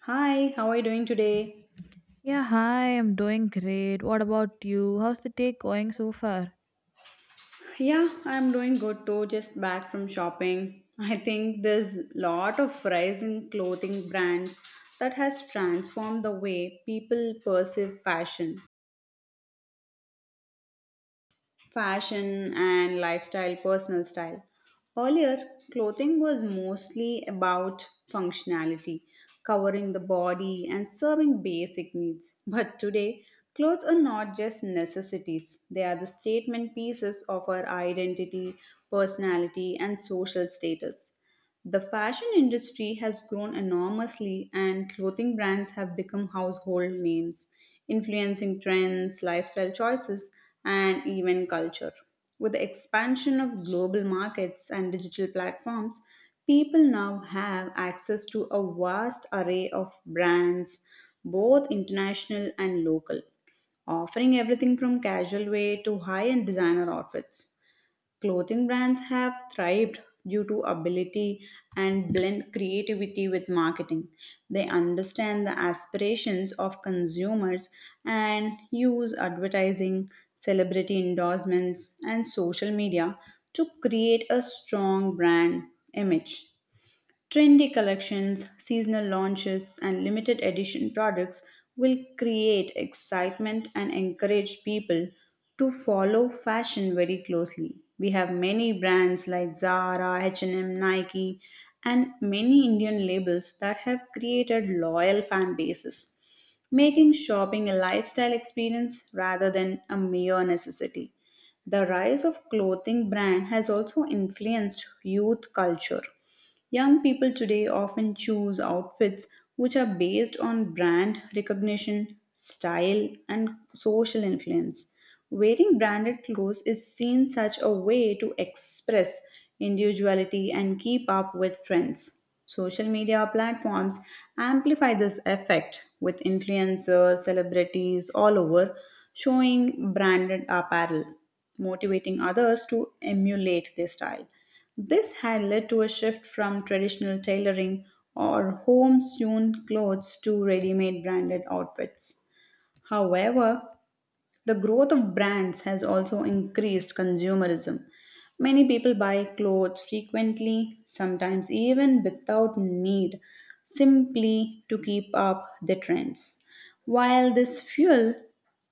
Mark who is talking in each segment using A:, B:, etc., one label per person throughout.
A: Hi, how are you doing today?
B: Yeah, hi, I'm doing great. What about you? How's the day going so far?
A: Yeah, I'm doing good too, just back from shopping. I think there's lot of rise in clothing brands that has transformed the way people perceive fashion, and lifestyle, personal style. Earlier, clothing was mostly about functionality, covering the body and serving basic needs. But today, clothes are not just necessities, they are the statement pieces of our identity, personality, and social status. The fashion industry has grown enormously, and clothing brands have become household names, influencing trends, lifestyle choices, and even culture. With the expansion of global markets and digital platforms, people now have access to a vast array of brands, both international and local, offering everything from casual wear to high end designer outfits. Clothing brands have thrived due to ability and blend creativity with marketing. They understand the aspirations of consumers and use advertising, celebrity endorsements, and social media to create a strong brand image. Trendy collections, seasonal launches, and limited edition products will create excitement and encourage people to follow fashion very closely. We have many brands like Zara, H&M, Nike, and many Indian labels that have created loyal fan bases, making shopping a lifestyle experience rather than a mere necessity. The rise of clothing brand has also influenced youth culture. Young people today often choose outfits which are based on brand recognition, style, and social influence. Wearing branded clothes is seen such a way to express individuality and keep up with trends. Social media platforms amplify this effect with influencers, celebrities all over showing branded apparel motivating others to emulate their style. This had led to a shift from traditional tailoring or home sewn clothes to ready made branded outfits. However, the growth of brands has also increased consumerism. Many people buy clothes frequently, sometimes even without need, simply to keep up the trends. While this fuel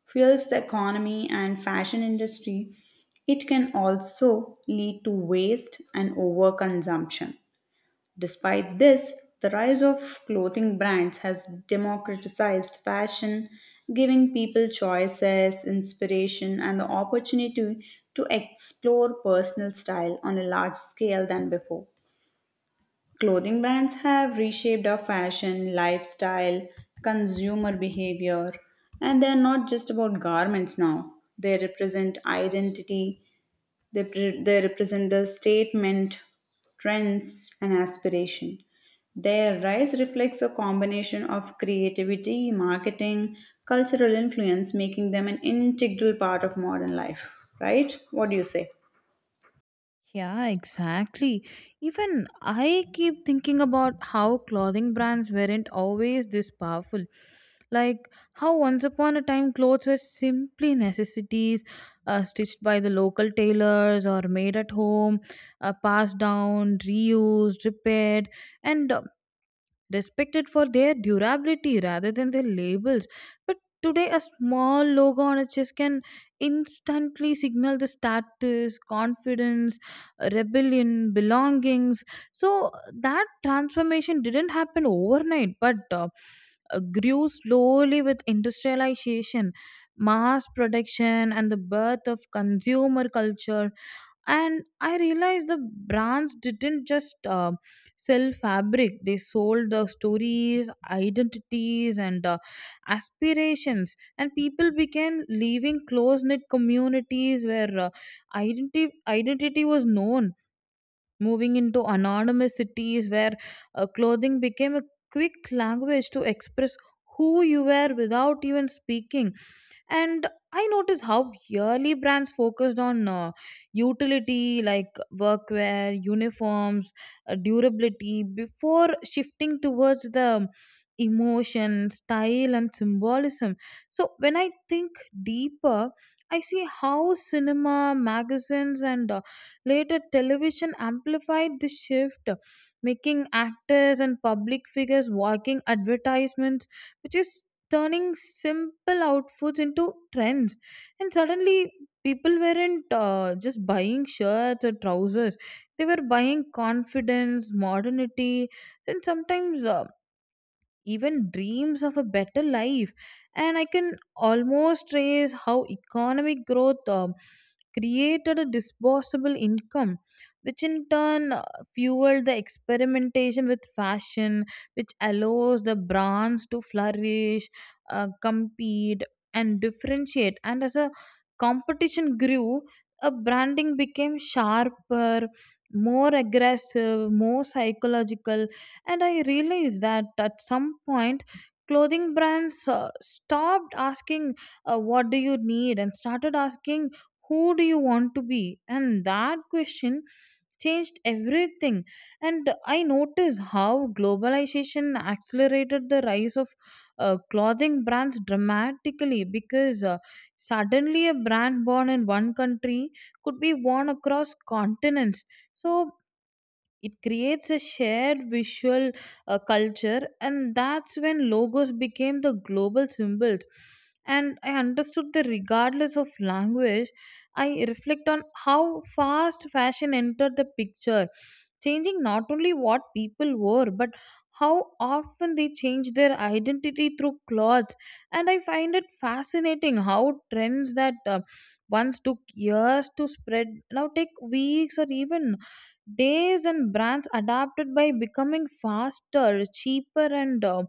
A: fuels the economy and fashion industry, it can also lead to waste and overconsumption. Despite this, the rise of clothing brands has democratized fashion, giving people choices, inspiration, and the opportunity to explore personal style on a large scale than before. Clothing brands have reshaped our fashion, lifestyle, consumer behavior, and they're not just about garments now. They represent identity, they represent the statement, trends, and aspiration. Their rise reflects a combination of creativity, marketing, cultural influence, making them an integral part of modern life. Right? What do you say?
B: Yeah, exactly. Even I keep thinking about how clothing brands weren't always this powerful. Like how once upon a time clothes were simply necessities, stitched by the local tailors or made at home, passed down, reused, repaired, and respected for their durability rather than their labels. But today, a small logo on a chest can instantly signal the status, confidence, rebellion, belongings. So that transformation didn't happen overnight, but grew slowly with industrialization, mass production, and the birth of consumer culture, and I realized the brands didn't just sell fabric, they sold the stories, identities, and aspirations, and people began leaving close knit communities where identity was known, moving into anonymous cities where clothing became a quick language to express who you were without even speaking. And I noticed how yearly brands focused on utility like workwear, uniforms, durability before shifting towards the emotion, style, and symbolism. So when I think deeper, I see how cinema, magazines, and later, television amplified this shift, making actors and public figures walking advertisements, which is turning simple outfits into trends. And suddenly, people weren't just buying shirts or trousers, they were buying confidence, modernity, and sometimes even dreams of a better life, and I can almost trace how economic growth created a disposable income, which in turn fueled the experimentation with fashion, which allows the brands to flourish, compete, and differentiate. And as a competition grew, a branding became sharper, more aggressive, more psychological, and I realized that at some point clothing brands stopped asking what do you need and started asking who do you want to be, and that question changed everything. And I noticed how globalization accelerated the rise of clothing brands dramatically, because suddenly a brand born in one country could be worn across continents, so it creates a shared visual culture, and that's when logos became the global symbols. And I understood that regardless of language, I reflect on how fast fashion entered the picture, changing not only what people wore, but how often they change their identity through clothes. And I find it fascinating how trends that once took years to spread now take weeks or even days, and brands adapted by becoming faster, cheaper, and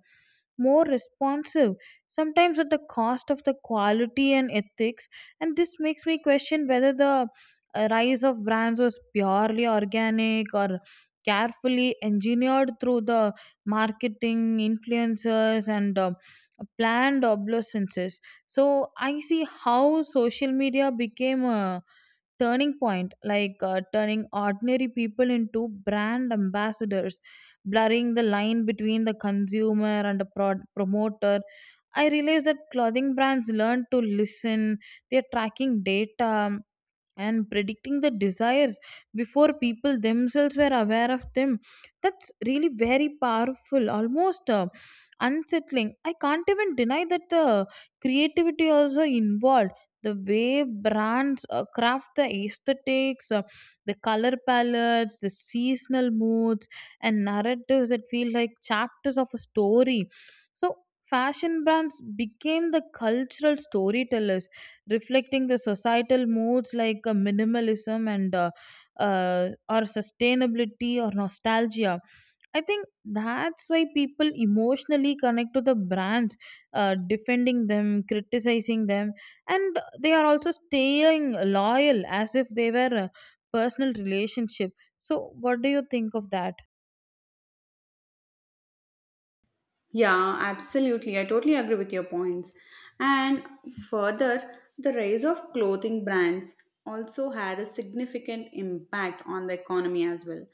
B: more responsive, sometimes at the cost of the quality and ethics. And this makes me question whether the rise of brands was purely organic or carefully engineered through the marketing, influencers, and planned obsolescences. So I see how social media became a turning point, like turning ordinary people into brand ambassadors, blurring the line between the consumer and the promoter. I realized that clothing brands learn to listen, they're tracking data and predicting the desires before people themselves were aware of them. That's really very powerful, almost unsettling. I can't even deny that the creativity also involved the way brands craft the aesthetics, the color palettes, the seasonal moods, and narratives that feel like chapters of a story. So fashion brands became the cultural storytellers, reflecting the societal moods like minimalism and or sustainability or nostalgia. I think that's why people emotionally connect to the brands, defending them, criticizing them, and they are also staying loyal as if they were a personal relationship. So, what do you think of that?
A: Yeah, absolutely. I totally agree with your points. And further, the rise of clothing brands also had a significant impact on the economy as well.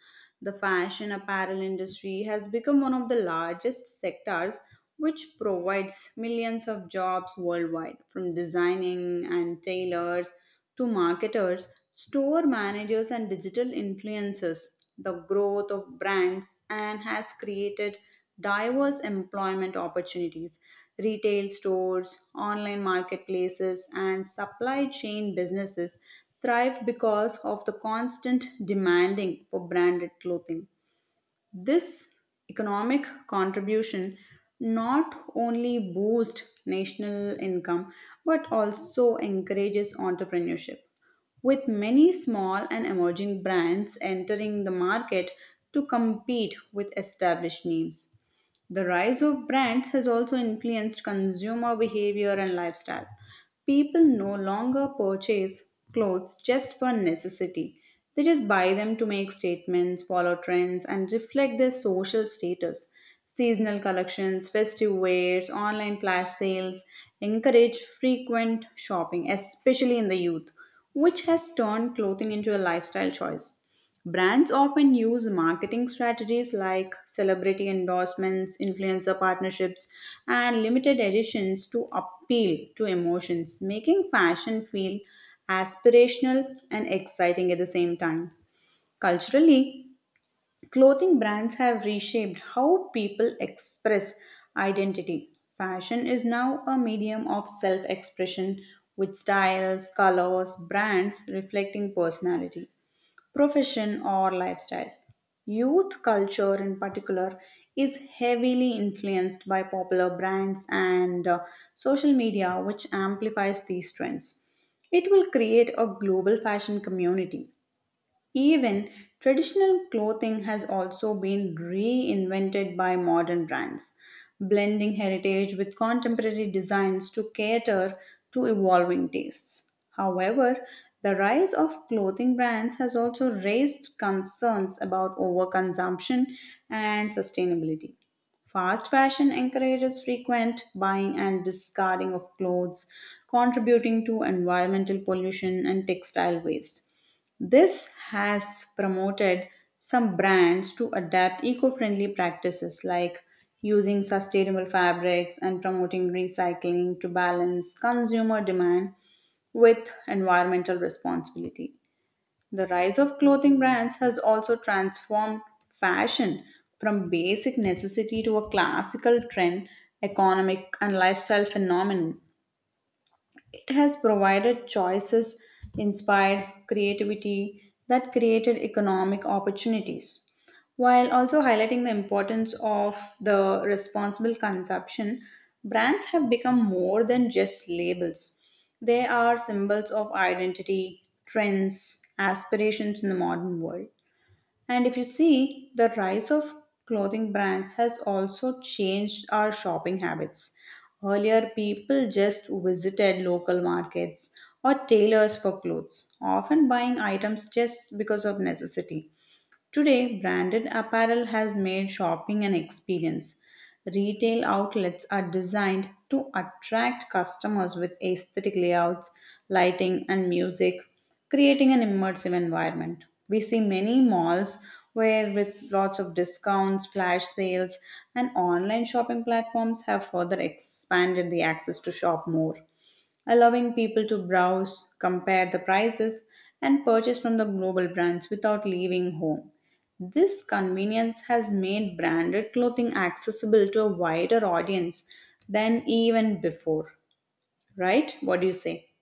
A: The fashion apparel industry has become one of the largest sectors which provides millions of jobs worldwide from designing and tailors to marketers, store managers, and digital influencers, the growth of brands and has created diverse employment opportunities. Retail stores, online marketplaces, and supply chain businesses thrive because of the constant demanding for branded clothing. This economic contribution not only boosts national income but also encourages entrepreneurship, with many small and emerging brands entering the market to compete with established names. The rise of brands has also influenced consumer behavior and lifestyle. People no longer purchase clothes just for necessity. They just buy them to make statements, follow trends, and reflect their social status. Seasonal collections, festive wears, online flash sales encourage frequent shopping, especially in the youth, which has turned clothing into a lifestyle choice. Brands often use marketing strategies like celebrity endorsements, influencer partnerships, and limited editions to appeal to emotions, making fashion feel aspirational and exciting at the same time. Culturally, clothing brands have reshaped how people express identity. Fashion is now a medium of self expression with styles, colors, brands reflecting personality profession, or lifestyle. Youth culture, in particular, is heavily influenced by popular brands and social media, which amplifies these trends. It will create a global fashion community, even traditional clothing has also been reinvented by modern brands, blending heritage with contemporary designs to cater to evolving tastes. However, the rise of clothing brands has also raised concerns about overconsumption and sustainability. Fast fashion encourages frequent buying and discarding of clothes, contributing to environmental pollution and textile waste. This has promoted some brands to adapt eco friendly practices like using sustainable fabrics and promoting recycling to balance consumer demand with environmental responsibility. The rise of clothing brands has also transformed fashion from basic necessity to a classical trend, economic, and lifestyle phenomenon. It has provided choices, inspired creativity that created economic opportunities, while also highlighting the importance of the responsible consumption. Brands have become more than just labels. They are symbols of identity, trends, aspirations in the modern world. And if you see, the rise of clothing brands has also changed our shopping habits. Earlier, people just visited local markets or tailors for clothes, often buying items just because of necessity. Today, branded apparel has made shopping an experience. Retail outlets are designed to attract customers with aesthetic layouts, lighting, and music, creating an immersive environment. We see many malls where, with lots of discounts, flash sales, and online shopping platforms, have further expanded the access to shop more, allowing people to browse, compare the prices, and purchase from the global brands without leaving home. This convenience has made branded clothing accessible to a wider audience than even before, right? What do you say?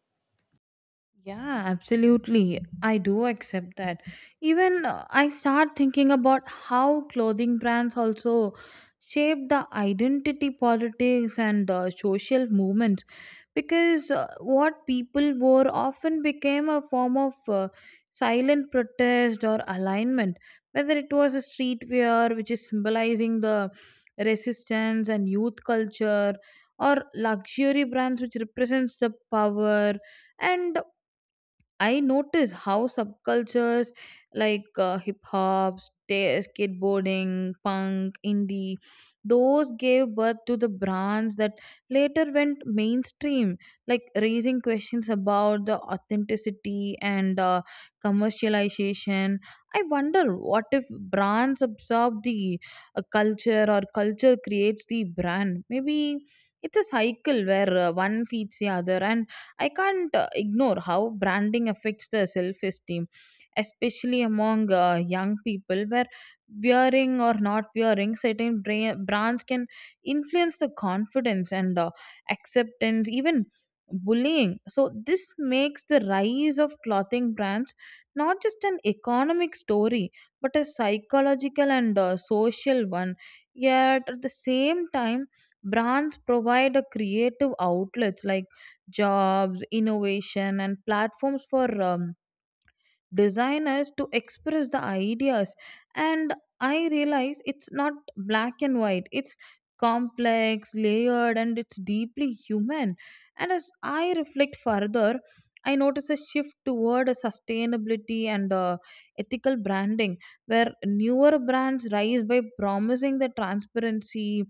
B: Yeah, absolutely. I do accept that. Even I start thinking about how clothing brands also shape the identity politics and the social movements, because what people wore often became a form of silent protest or alignment, whether it was a streetwear which is symbolizing the resistance and youth culture, or luxury brands which represents the power. And I notice how subcultures like hip hop, skateboarding, punk, indie, those gave birth to the brands that later went mainstream, like raising questions about the authenticity and commercialization. I wonder what if brands absorb the culture, or culture creates the brand? Maybe it's a cycle where one feeds the other, and I can't ignore how branding affects the self esteem, especially among young people, where wearing or not wearing certain brands can influence the confidence and acceptance, even bullying. So, this makes the rise of clothing brands not just an economic story but a psychological and social one. Yet, at the same time, brands provide a creative outlets like jobs, innovation, and platforms for designers to express the ideas. And I realize it's not black and white, it's complex, layered, and it's deeply human. And as I reflect further, I notice a shift toward a sustainability and ethical branding, where newer brands rise by promising the transparency,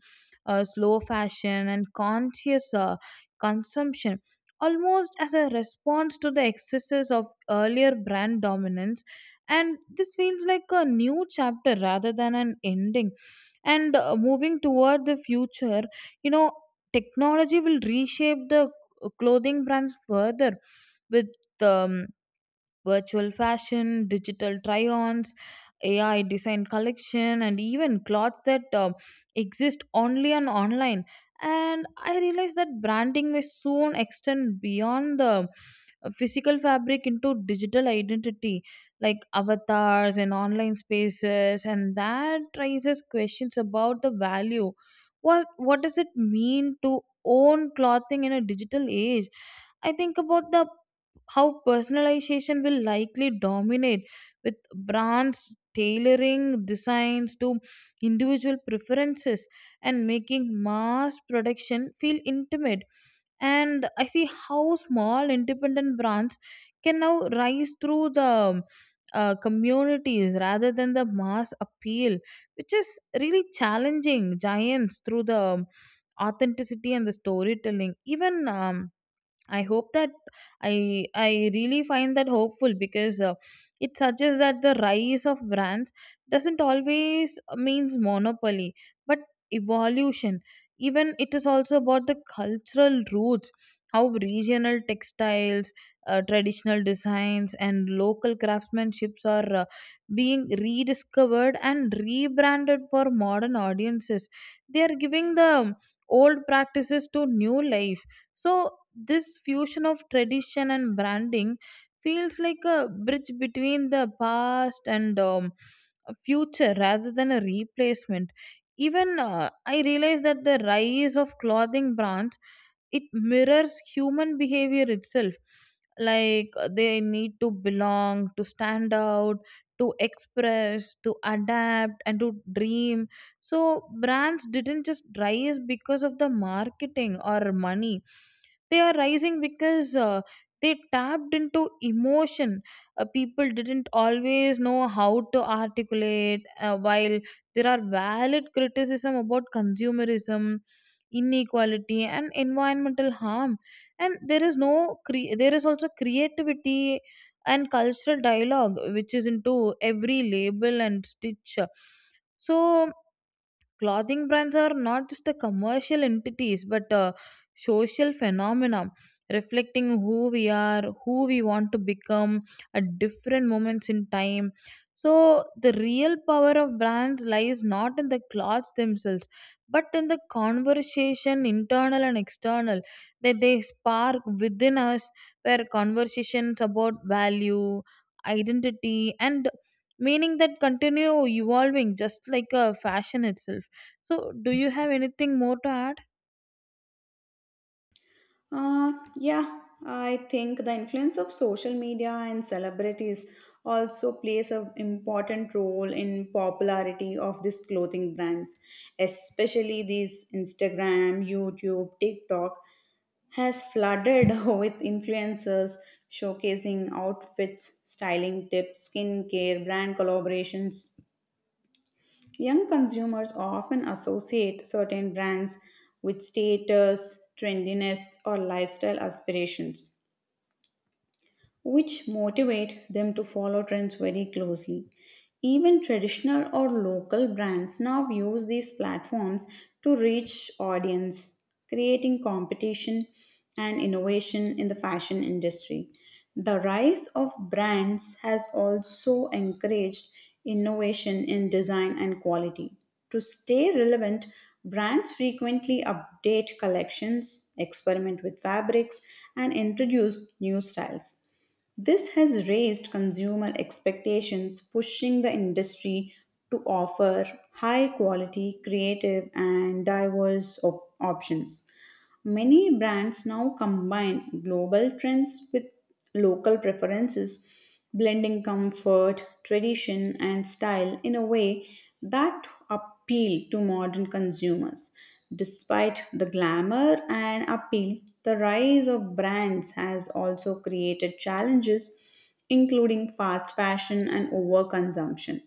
B: slow fashion, and conscious consumption, almost as a response to the excesses of earlier brand dominance, and this feels like a new chapter rather than an ending. And moving toward the future, you know, technology will reshape the clothing brands further with um, virtual fashion, digital try ons, AI design collection, and even cloth that exist only on online. And I realized that branding may soon extend beyond the physical fabric into digital identity like avatars and online spaces, and that raises questions about the value. What does it mean to own clothing in a digital age? I think about the how personalization will likely dominate, with brands tailoring designs to individual preferences and making mass production feel intimate. And I see how small independent brands can now rise through the communities rather than the mass appeal, which is really challenging giants through the authenticity and the storytelling. Even um, I hope that I I really find that hopeful, because it suggests that the rise of brands doesn't always means monopoly, but evolution. Even it is also about the cultural roots, how regional textiles, traditional designs, and local craftsmanships are being rediscovered and rebranded for modern audiences. They are giving the old practices to new life. So, this fusion of tradition and branding feels like a bridge between the past and future rather than a replacement. Even I realized that the rise of clothing brands, it mirrors human behavior itself, like they need to belong, to stand out, to express, to adapt, and to dream. So brands didn't just rise because of the marketing or money, they are rising because they tapped into emotion people didn't always know how to articulate. While there are valid criticism about consumerism, inequality, and environmental harm, and there is no cre- there is also creativity and cultural dialogue which is into every label and stitch. So clothing brands are not just a commercial entities but a social phenomenon, reflecting who we are, who we want to become at different moments in time. So the real power of brands lies not in the clothes themselves but in the conversation, internal and external, that they spark within us, where conversations about value, identity, and meaning that continue evolving just like a fashion itself. So, do you have anything more to add?
A: Yeah, I think the influence of social media and celebrities also plays an important role in popularity of these clothing brands, especially these Instagram, YouTube, TikTok has flooded with influencers showcasing outfits, styling tips, skincare, brand collaborations. Young consumers often associate certain brands with status, trendiness, or lifestyle aspirations which motivate them to follow trends very closely. Even traditional or local brands now use these platforms to reach audience, creating competition and innovation in the fashion industry. The rise of brands has also encouraged innovation in design and quality. To stay relevant, brands frequently update collections, experiment with fabrics, and introduce new styles. This has raised consumer expectations, pushing the industry to offer high quality, creative, and diverse options. Many brands now combine global trends with local preferences, blending comfort, tradition, and style in a way that appeal to modern consumers. Despite the glamour and appeal, the rise of brands has also created challenges, including fast fashion and overconsumption.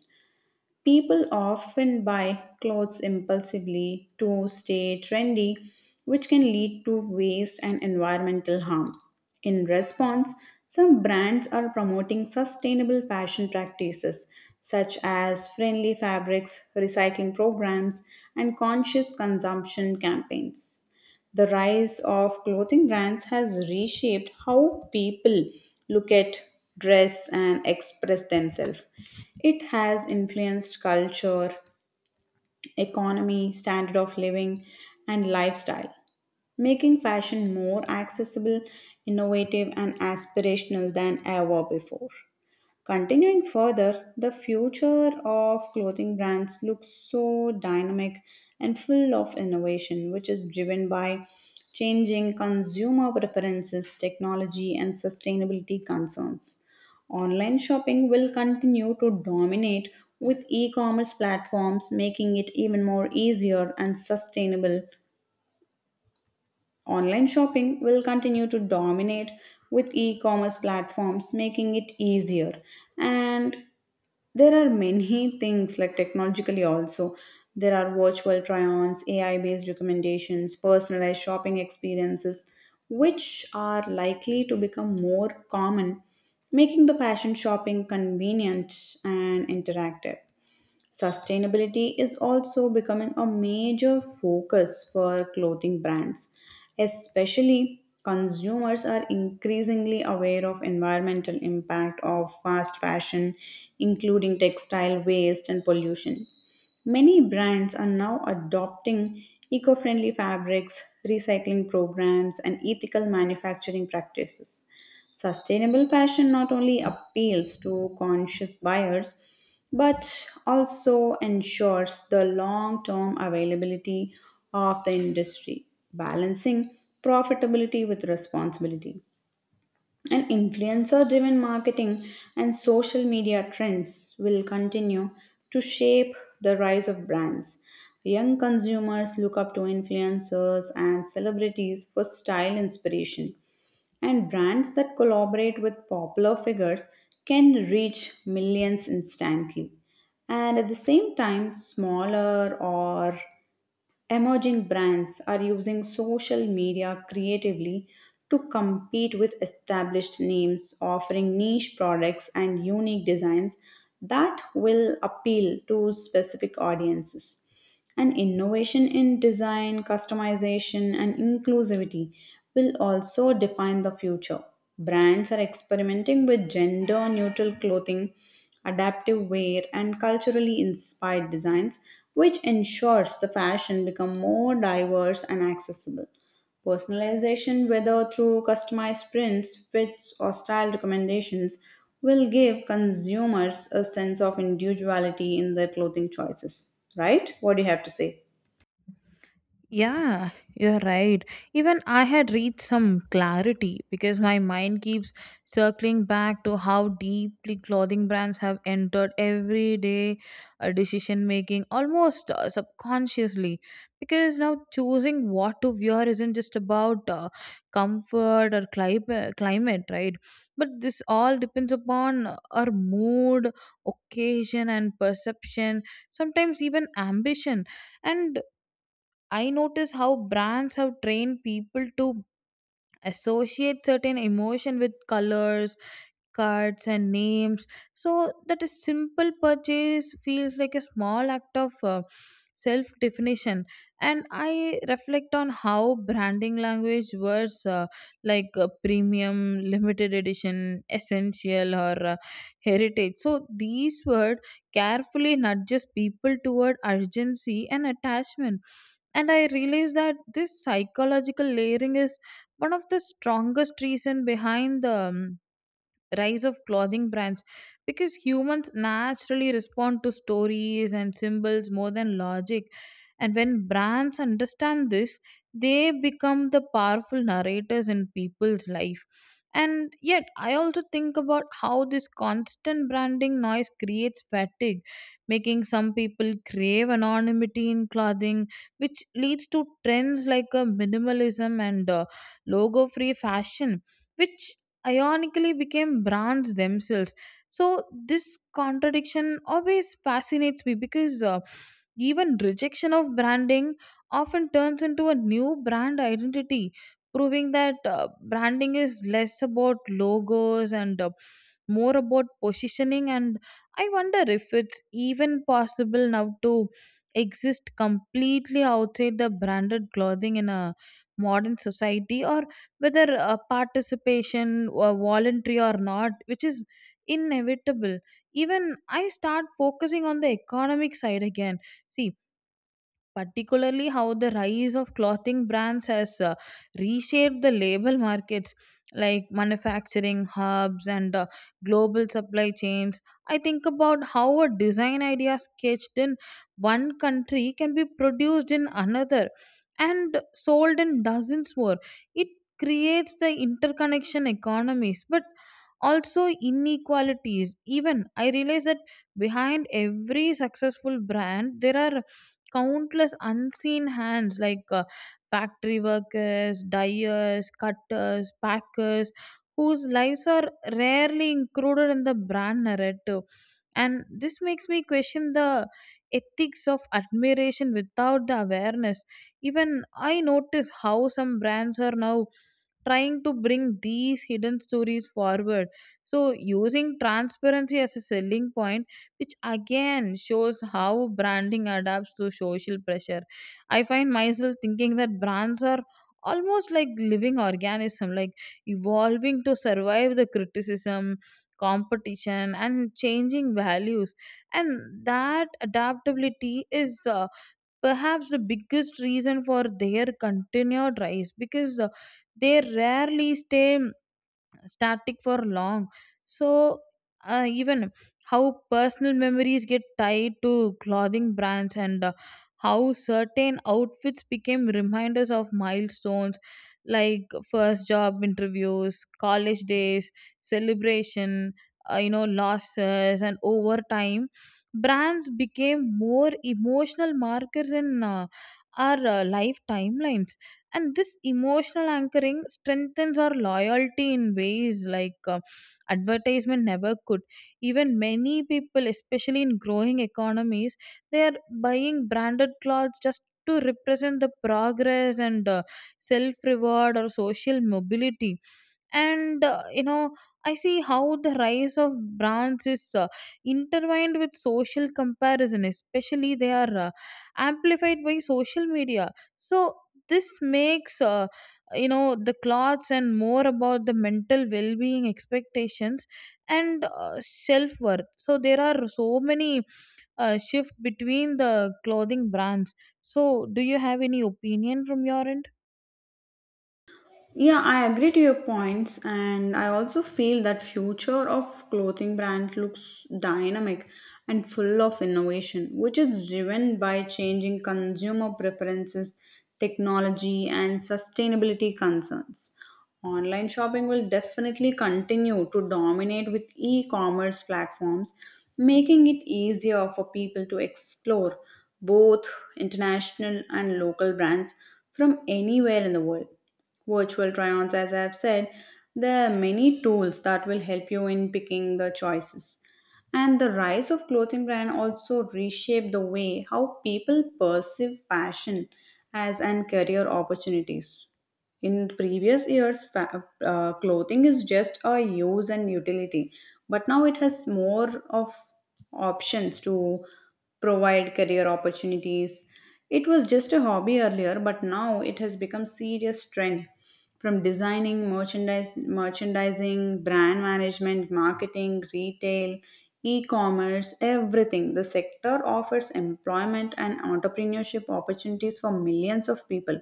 A: People often buy clothes impulsively to stay trendy, which can lead to waste and environmental harm. In response, some brands are promoting sustainable fashion practices such as friendly fabrics, recycling programs, and conscious consumption campaigns. The rise of clothing brands has reshaped how people look at dress and express themselves. It has influenced culture, economy, standard of living, and lifestyle, making fashion more accessible, innovative, and aspirational than ever before. Continuing further, the future of clothing brands looks so dynamic and full of innovation, which is driven by changing consumer preferences, technology, and sustainability concerns. Online shopping will continue to dominate with e commerce platforms, making it even more easier and sustainable. Online shopping will continue to dominate with e commerce platforms, making it easier. And there are many things like technologically also, there are virtual try-ons, AI based recommendations, personalized shopping experiences, which are likely to become more common, making the fashion shopping convenient and interactive. Sustainability is also becoming a major focus for clothing brands. Especially consumers are increasingly aware of environmental impact of fast fashion, including textile waste and pollution. Many brands are now adopting eco friendly fabrics, recycling programs, and ethical manufacturing practices. Sustainable fashion not only appeals to conscious buyers but also ensures the long term availability of the industry, balancing profitability with responsibility. And influencer driven marketing and social media trends will continue to shape the rise of brands. Young consumers look up to influencers and celebrities for style inspiration. And brands that collaborate with popular figures can reach millions instantly. And at the same time, smaller or emerging brands are using social media creatively to compete with established names, offering niche products and unique designs that will appeal to specific audiences. And innovation in design, customization, and inclusivity will also define the future. Brands are experimenting with gender neutral clothing, adaptive wear, and culturally inspired designs, which ensures the fashion become more diverse and accessible. Personalization, whether through customized prints, fits, or style recommendations, will give consumers a sense of individuality in their clothing choices. Right? What do you have to say?
B: Yeah, you're right. Even I had reached some clarity because my mind keeps circling back to how deeply clothing brands have entered everyday decision making, almost subconsciously. Because now choosing what to wear isn't just about comfort or climate, right? But this all depends upon our mood, occasion, and perception, sometimes even ambition. And I notice how brands have trained people to associate certain emotion with colors, cards, and names, so that a simple purchase feels like a small act of self definition. And I reflect on how branding language words like premium, limited edition, essential, or heritage, so these words carefully nudges people toward urgency and attachment. And I realize that this psychological layering is one of the strongest reason behind the rise of clothing brands, because humans naturally respond to stories and symbols more than logic, and when brands understand this, they become the powerful narrators in people's life. And yet I also think about how this constant branding noise creates fatigue, making some people crave anonymity in clothing, which leads to trends like minimalism and logo free fashion, which ironically became brands themselves. So this contradiction always fascinates me, because even rejection of branding often turns into a new brand identity, proving that branding is less about logos and more about positioning. And I wonder if it's even possible now to exist completely outside the branded clothing in a modern society, or whether participation or voluntary or not, which is inevitable. Even I start focusing on the economic side again, see, particularly how the rise of clothing brands has reshaped the label markets like manufacturing hubs and global supply chains. I think about how a design idea sketched in one country can be produced in another and sold in dozens more. It creates the interconnection economies but also inequalities. Even I realize that behind every successful brand there are countless unseen hands like factory workers, dyers, cutters, packers, whose lives are rarely included in the brand narrative. And this makes me question the ethics of admiration without the awareness. Even I notice how some brands are now trying to bring these hidden stories forward. So, using transparency as a selling point, which again shows how branding adapts to social pressure. I find myself thinking that brands are almost like living organism, like evolving to survive the criticism, competition, and changing values, and that adaptability is perhaps the biggest reason for their continued rise, because they rarely stay static for long. So even how personal memories get tied to clothing brands, and how certain outfits became reminders of milestones like first job interviews, college days, celebration, you know, losses. And over time brands became more emotional markers in our life timelines, and this emotional anchoring strengthens our loyalty in ways like advertisement never could. Even many people, especially in growing economies, they are buying branded clothes just to represent the progress and self reward or social mobility. And you know, I see how the rise of brands is intertwined with social comparison, especially they are amplified by social media. So this makes you know, the clothes and more about the mental well-being, expectations, and self-worth. So there are so many shift between the clothing brands. So do you have any opinion from your end?
A: Yeah, I agree to your points, and I also feel that future of clothing brand looks dynamic and full of innovation, which is driven by changing consumer preferences, technology, and sustainability concerns. Online shopping will definitely continue to dominate with e-commerce platforms, making it easier for people to explore both international and local brands from anywhere in the world. Virtual try-ons, as I've said, there are many tools that will help you in picking the choices. And the rise of clothing brand also reshape the way how people perceive fashion as an career opportunities. In previous years, clothing is just a use and utility, but now it has more of options to provide career opportunities. It was just a hobby earlier, but now it has become serious trend from designing, merchandise, merchandising, brand management, marketing, retail, e-commerce, everything. The sector offers employment and entrepreneurship opportunities for millions of people.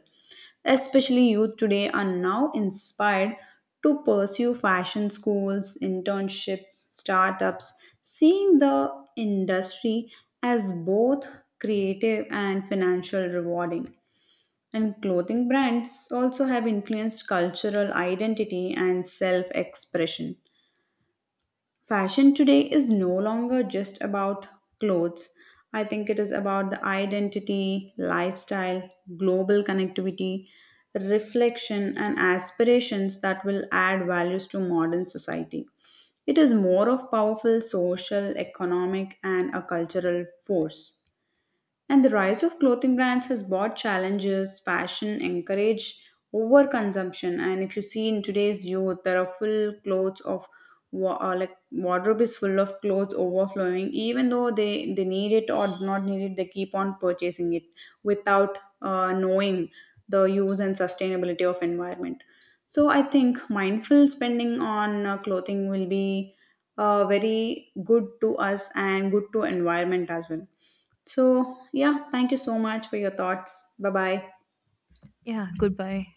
A: Especially youth today are now inspired to pursue fashion schools, internships, startups, seeing the industry as both creative and financial rewarding. And clothing brands also have influenced cultural identity and self expression. Fashion today is no longer just about clothes. I think it is about the identity, lifestyle, global connectivity, reflection, and aspirations that will add values to modern society. It is more of powerful social, economic, and a cultural force. And the rise of clothing brands has brought challenges, fashion, encourage overconsumption. And if you see in today's youth, there are full clothes of like wardrobe is full of clothes overflowing. Even though they need it or do not need it, they keep on purchasing it without knowing the use and sustainability of environment. So I think mindful spending on clothing will be very good to us and good to environment as well. So, yeah, thank you so much for your thoughts. Bye bye.
B: Yeah, goodbye.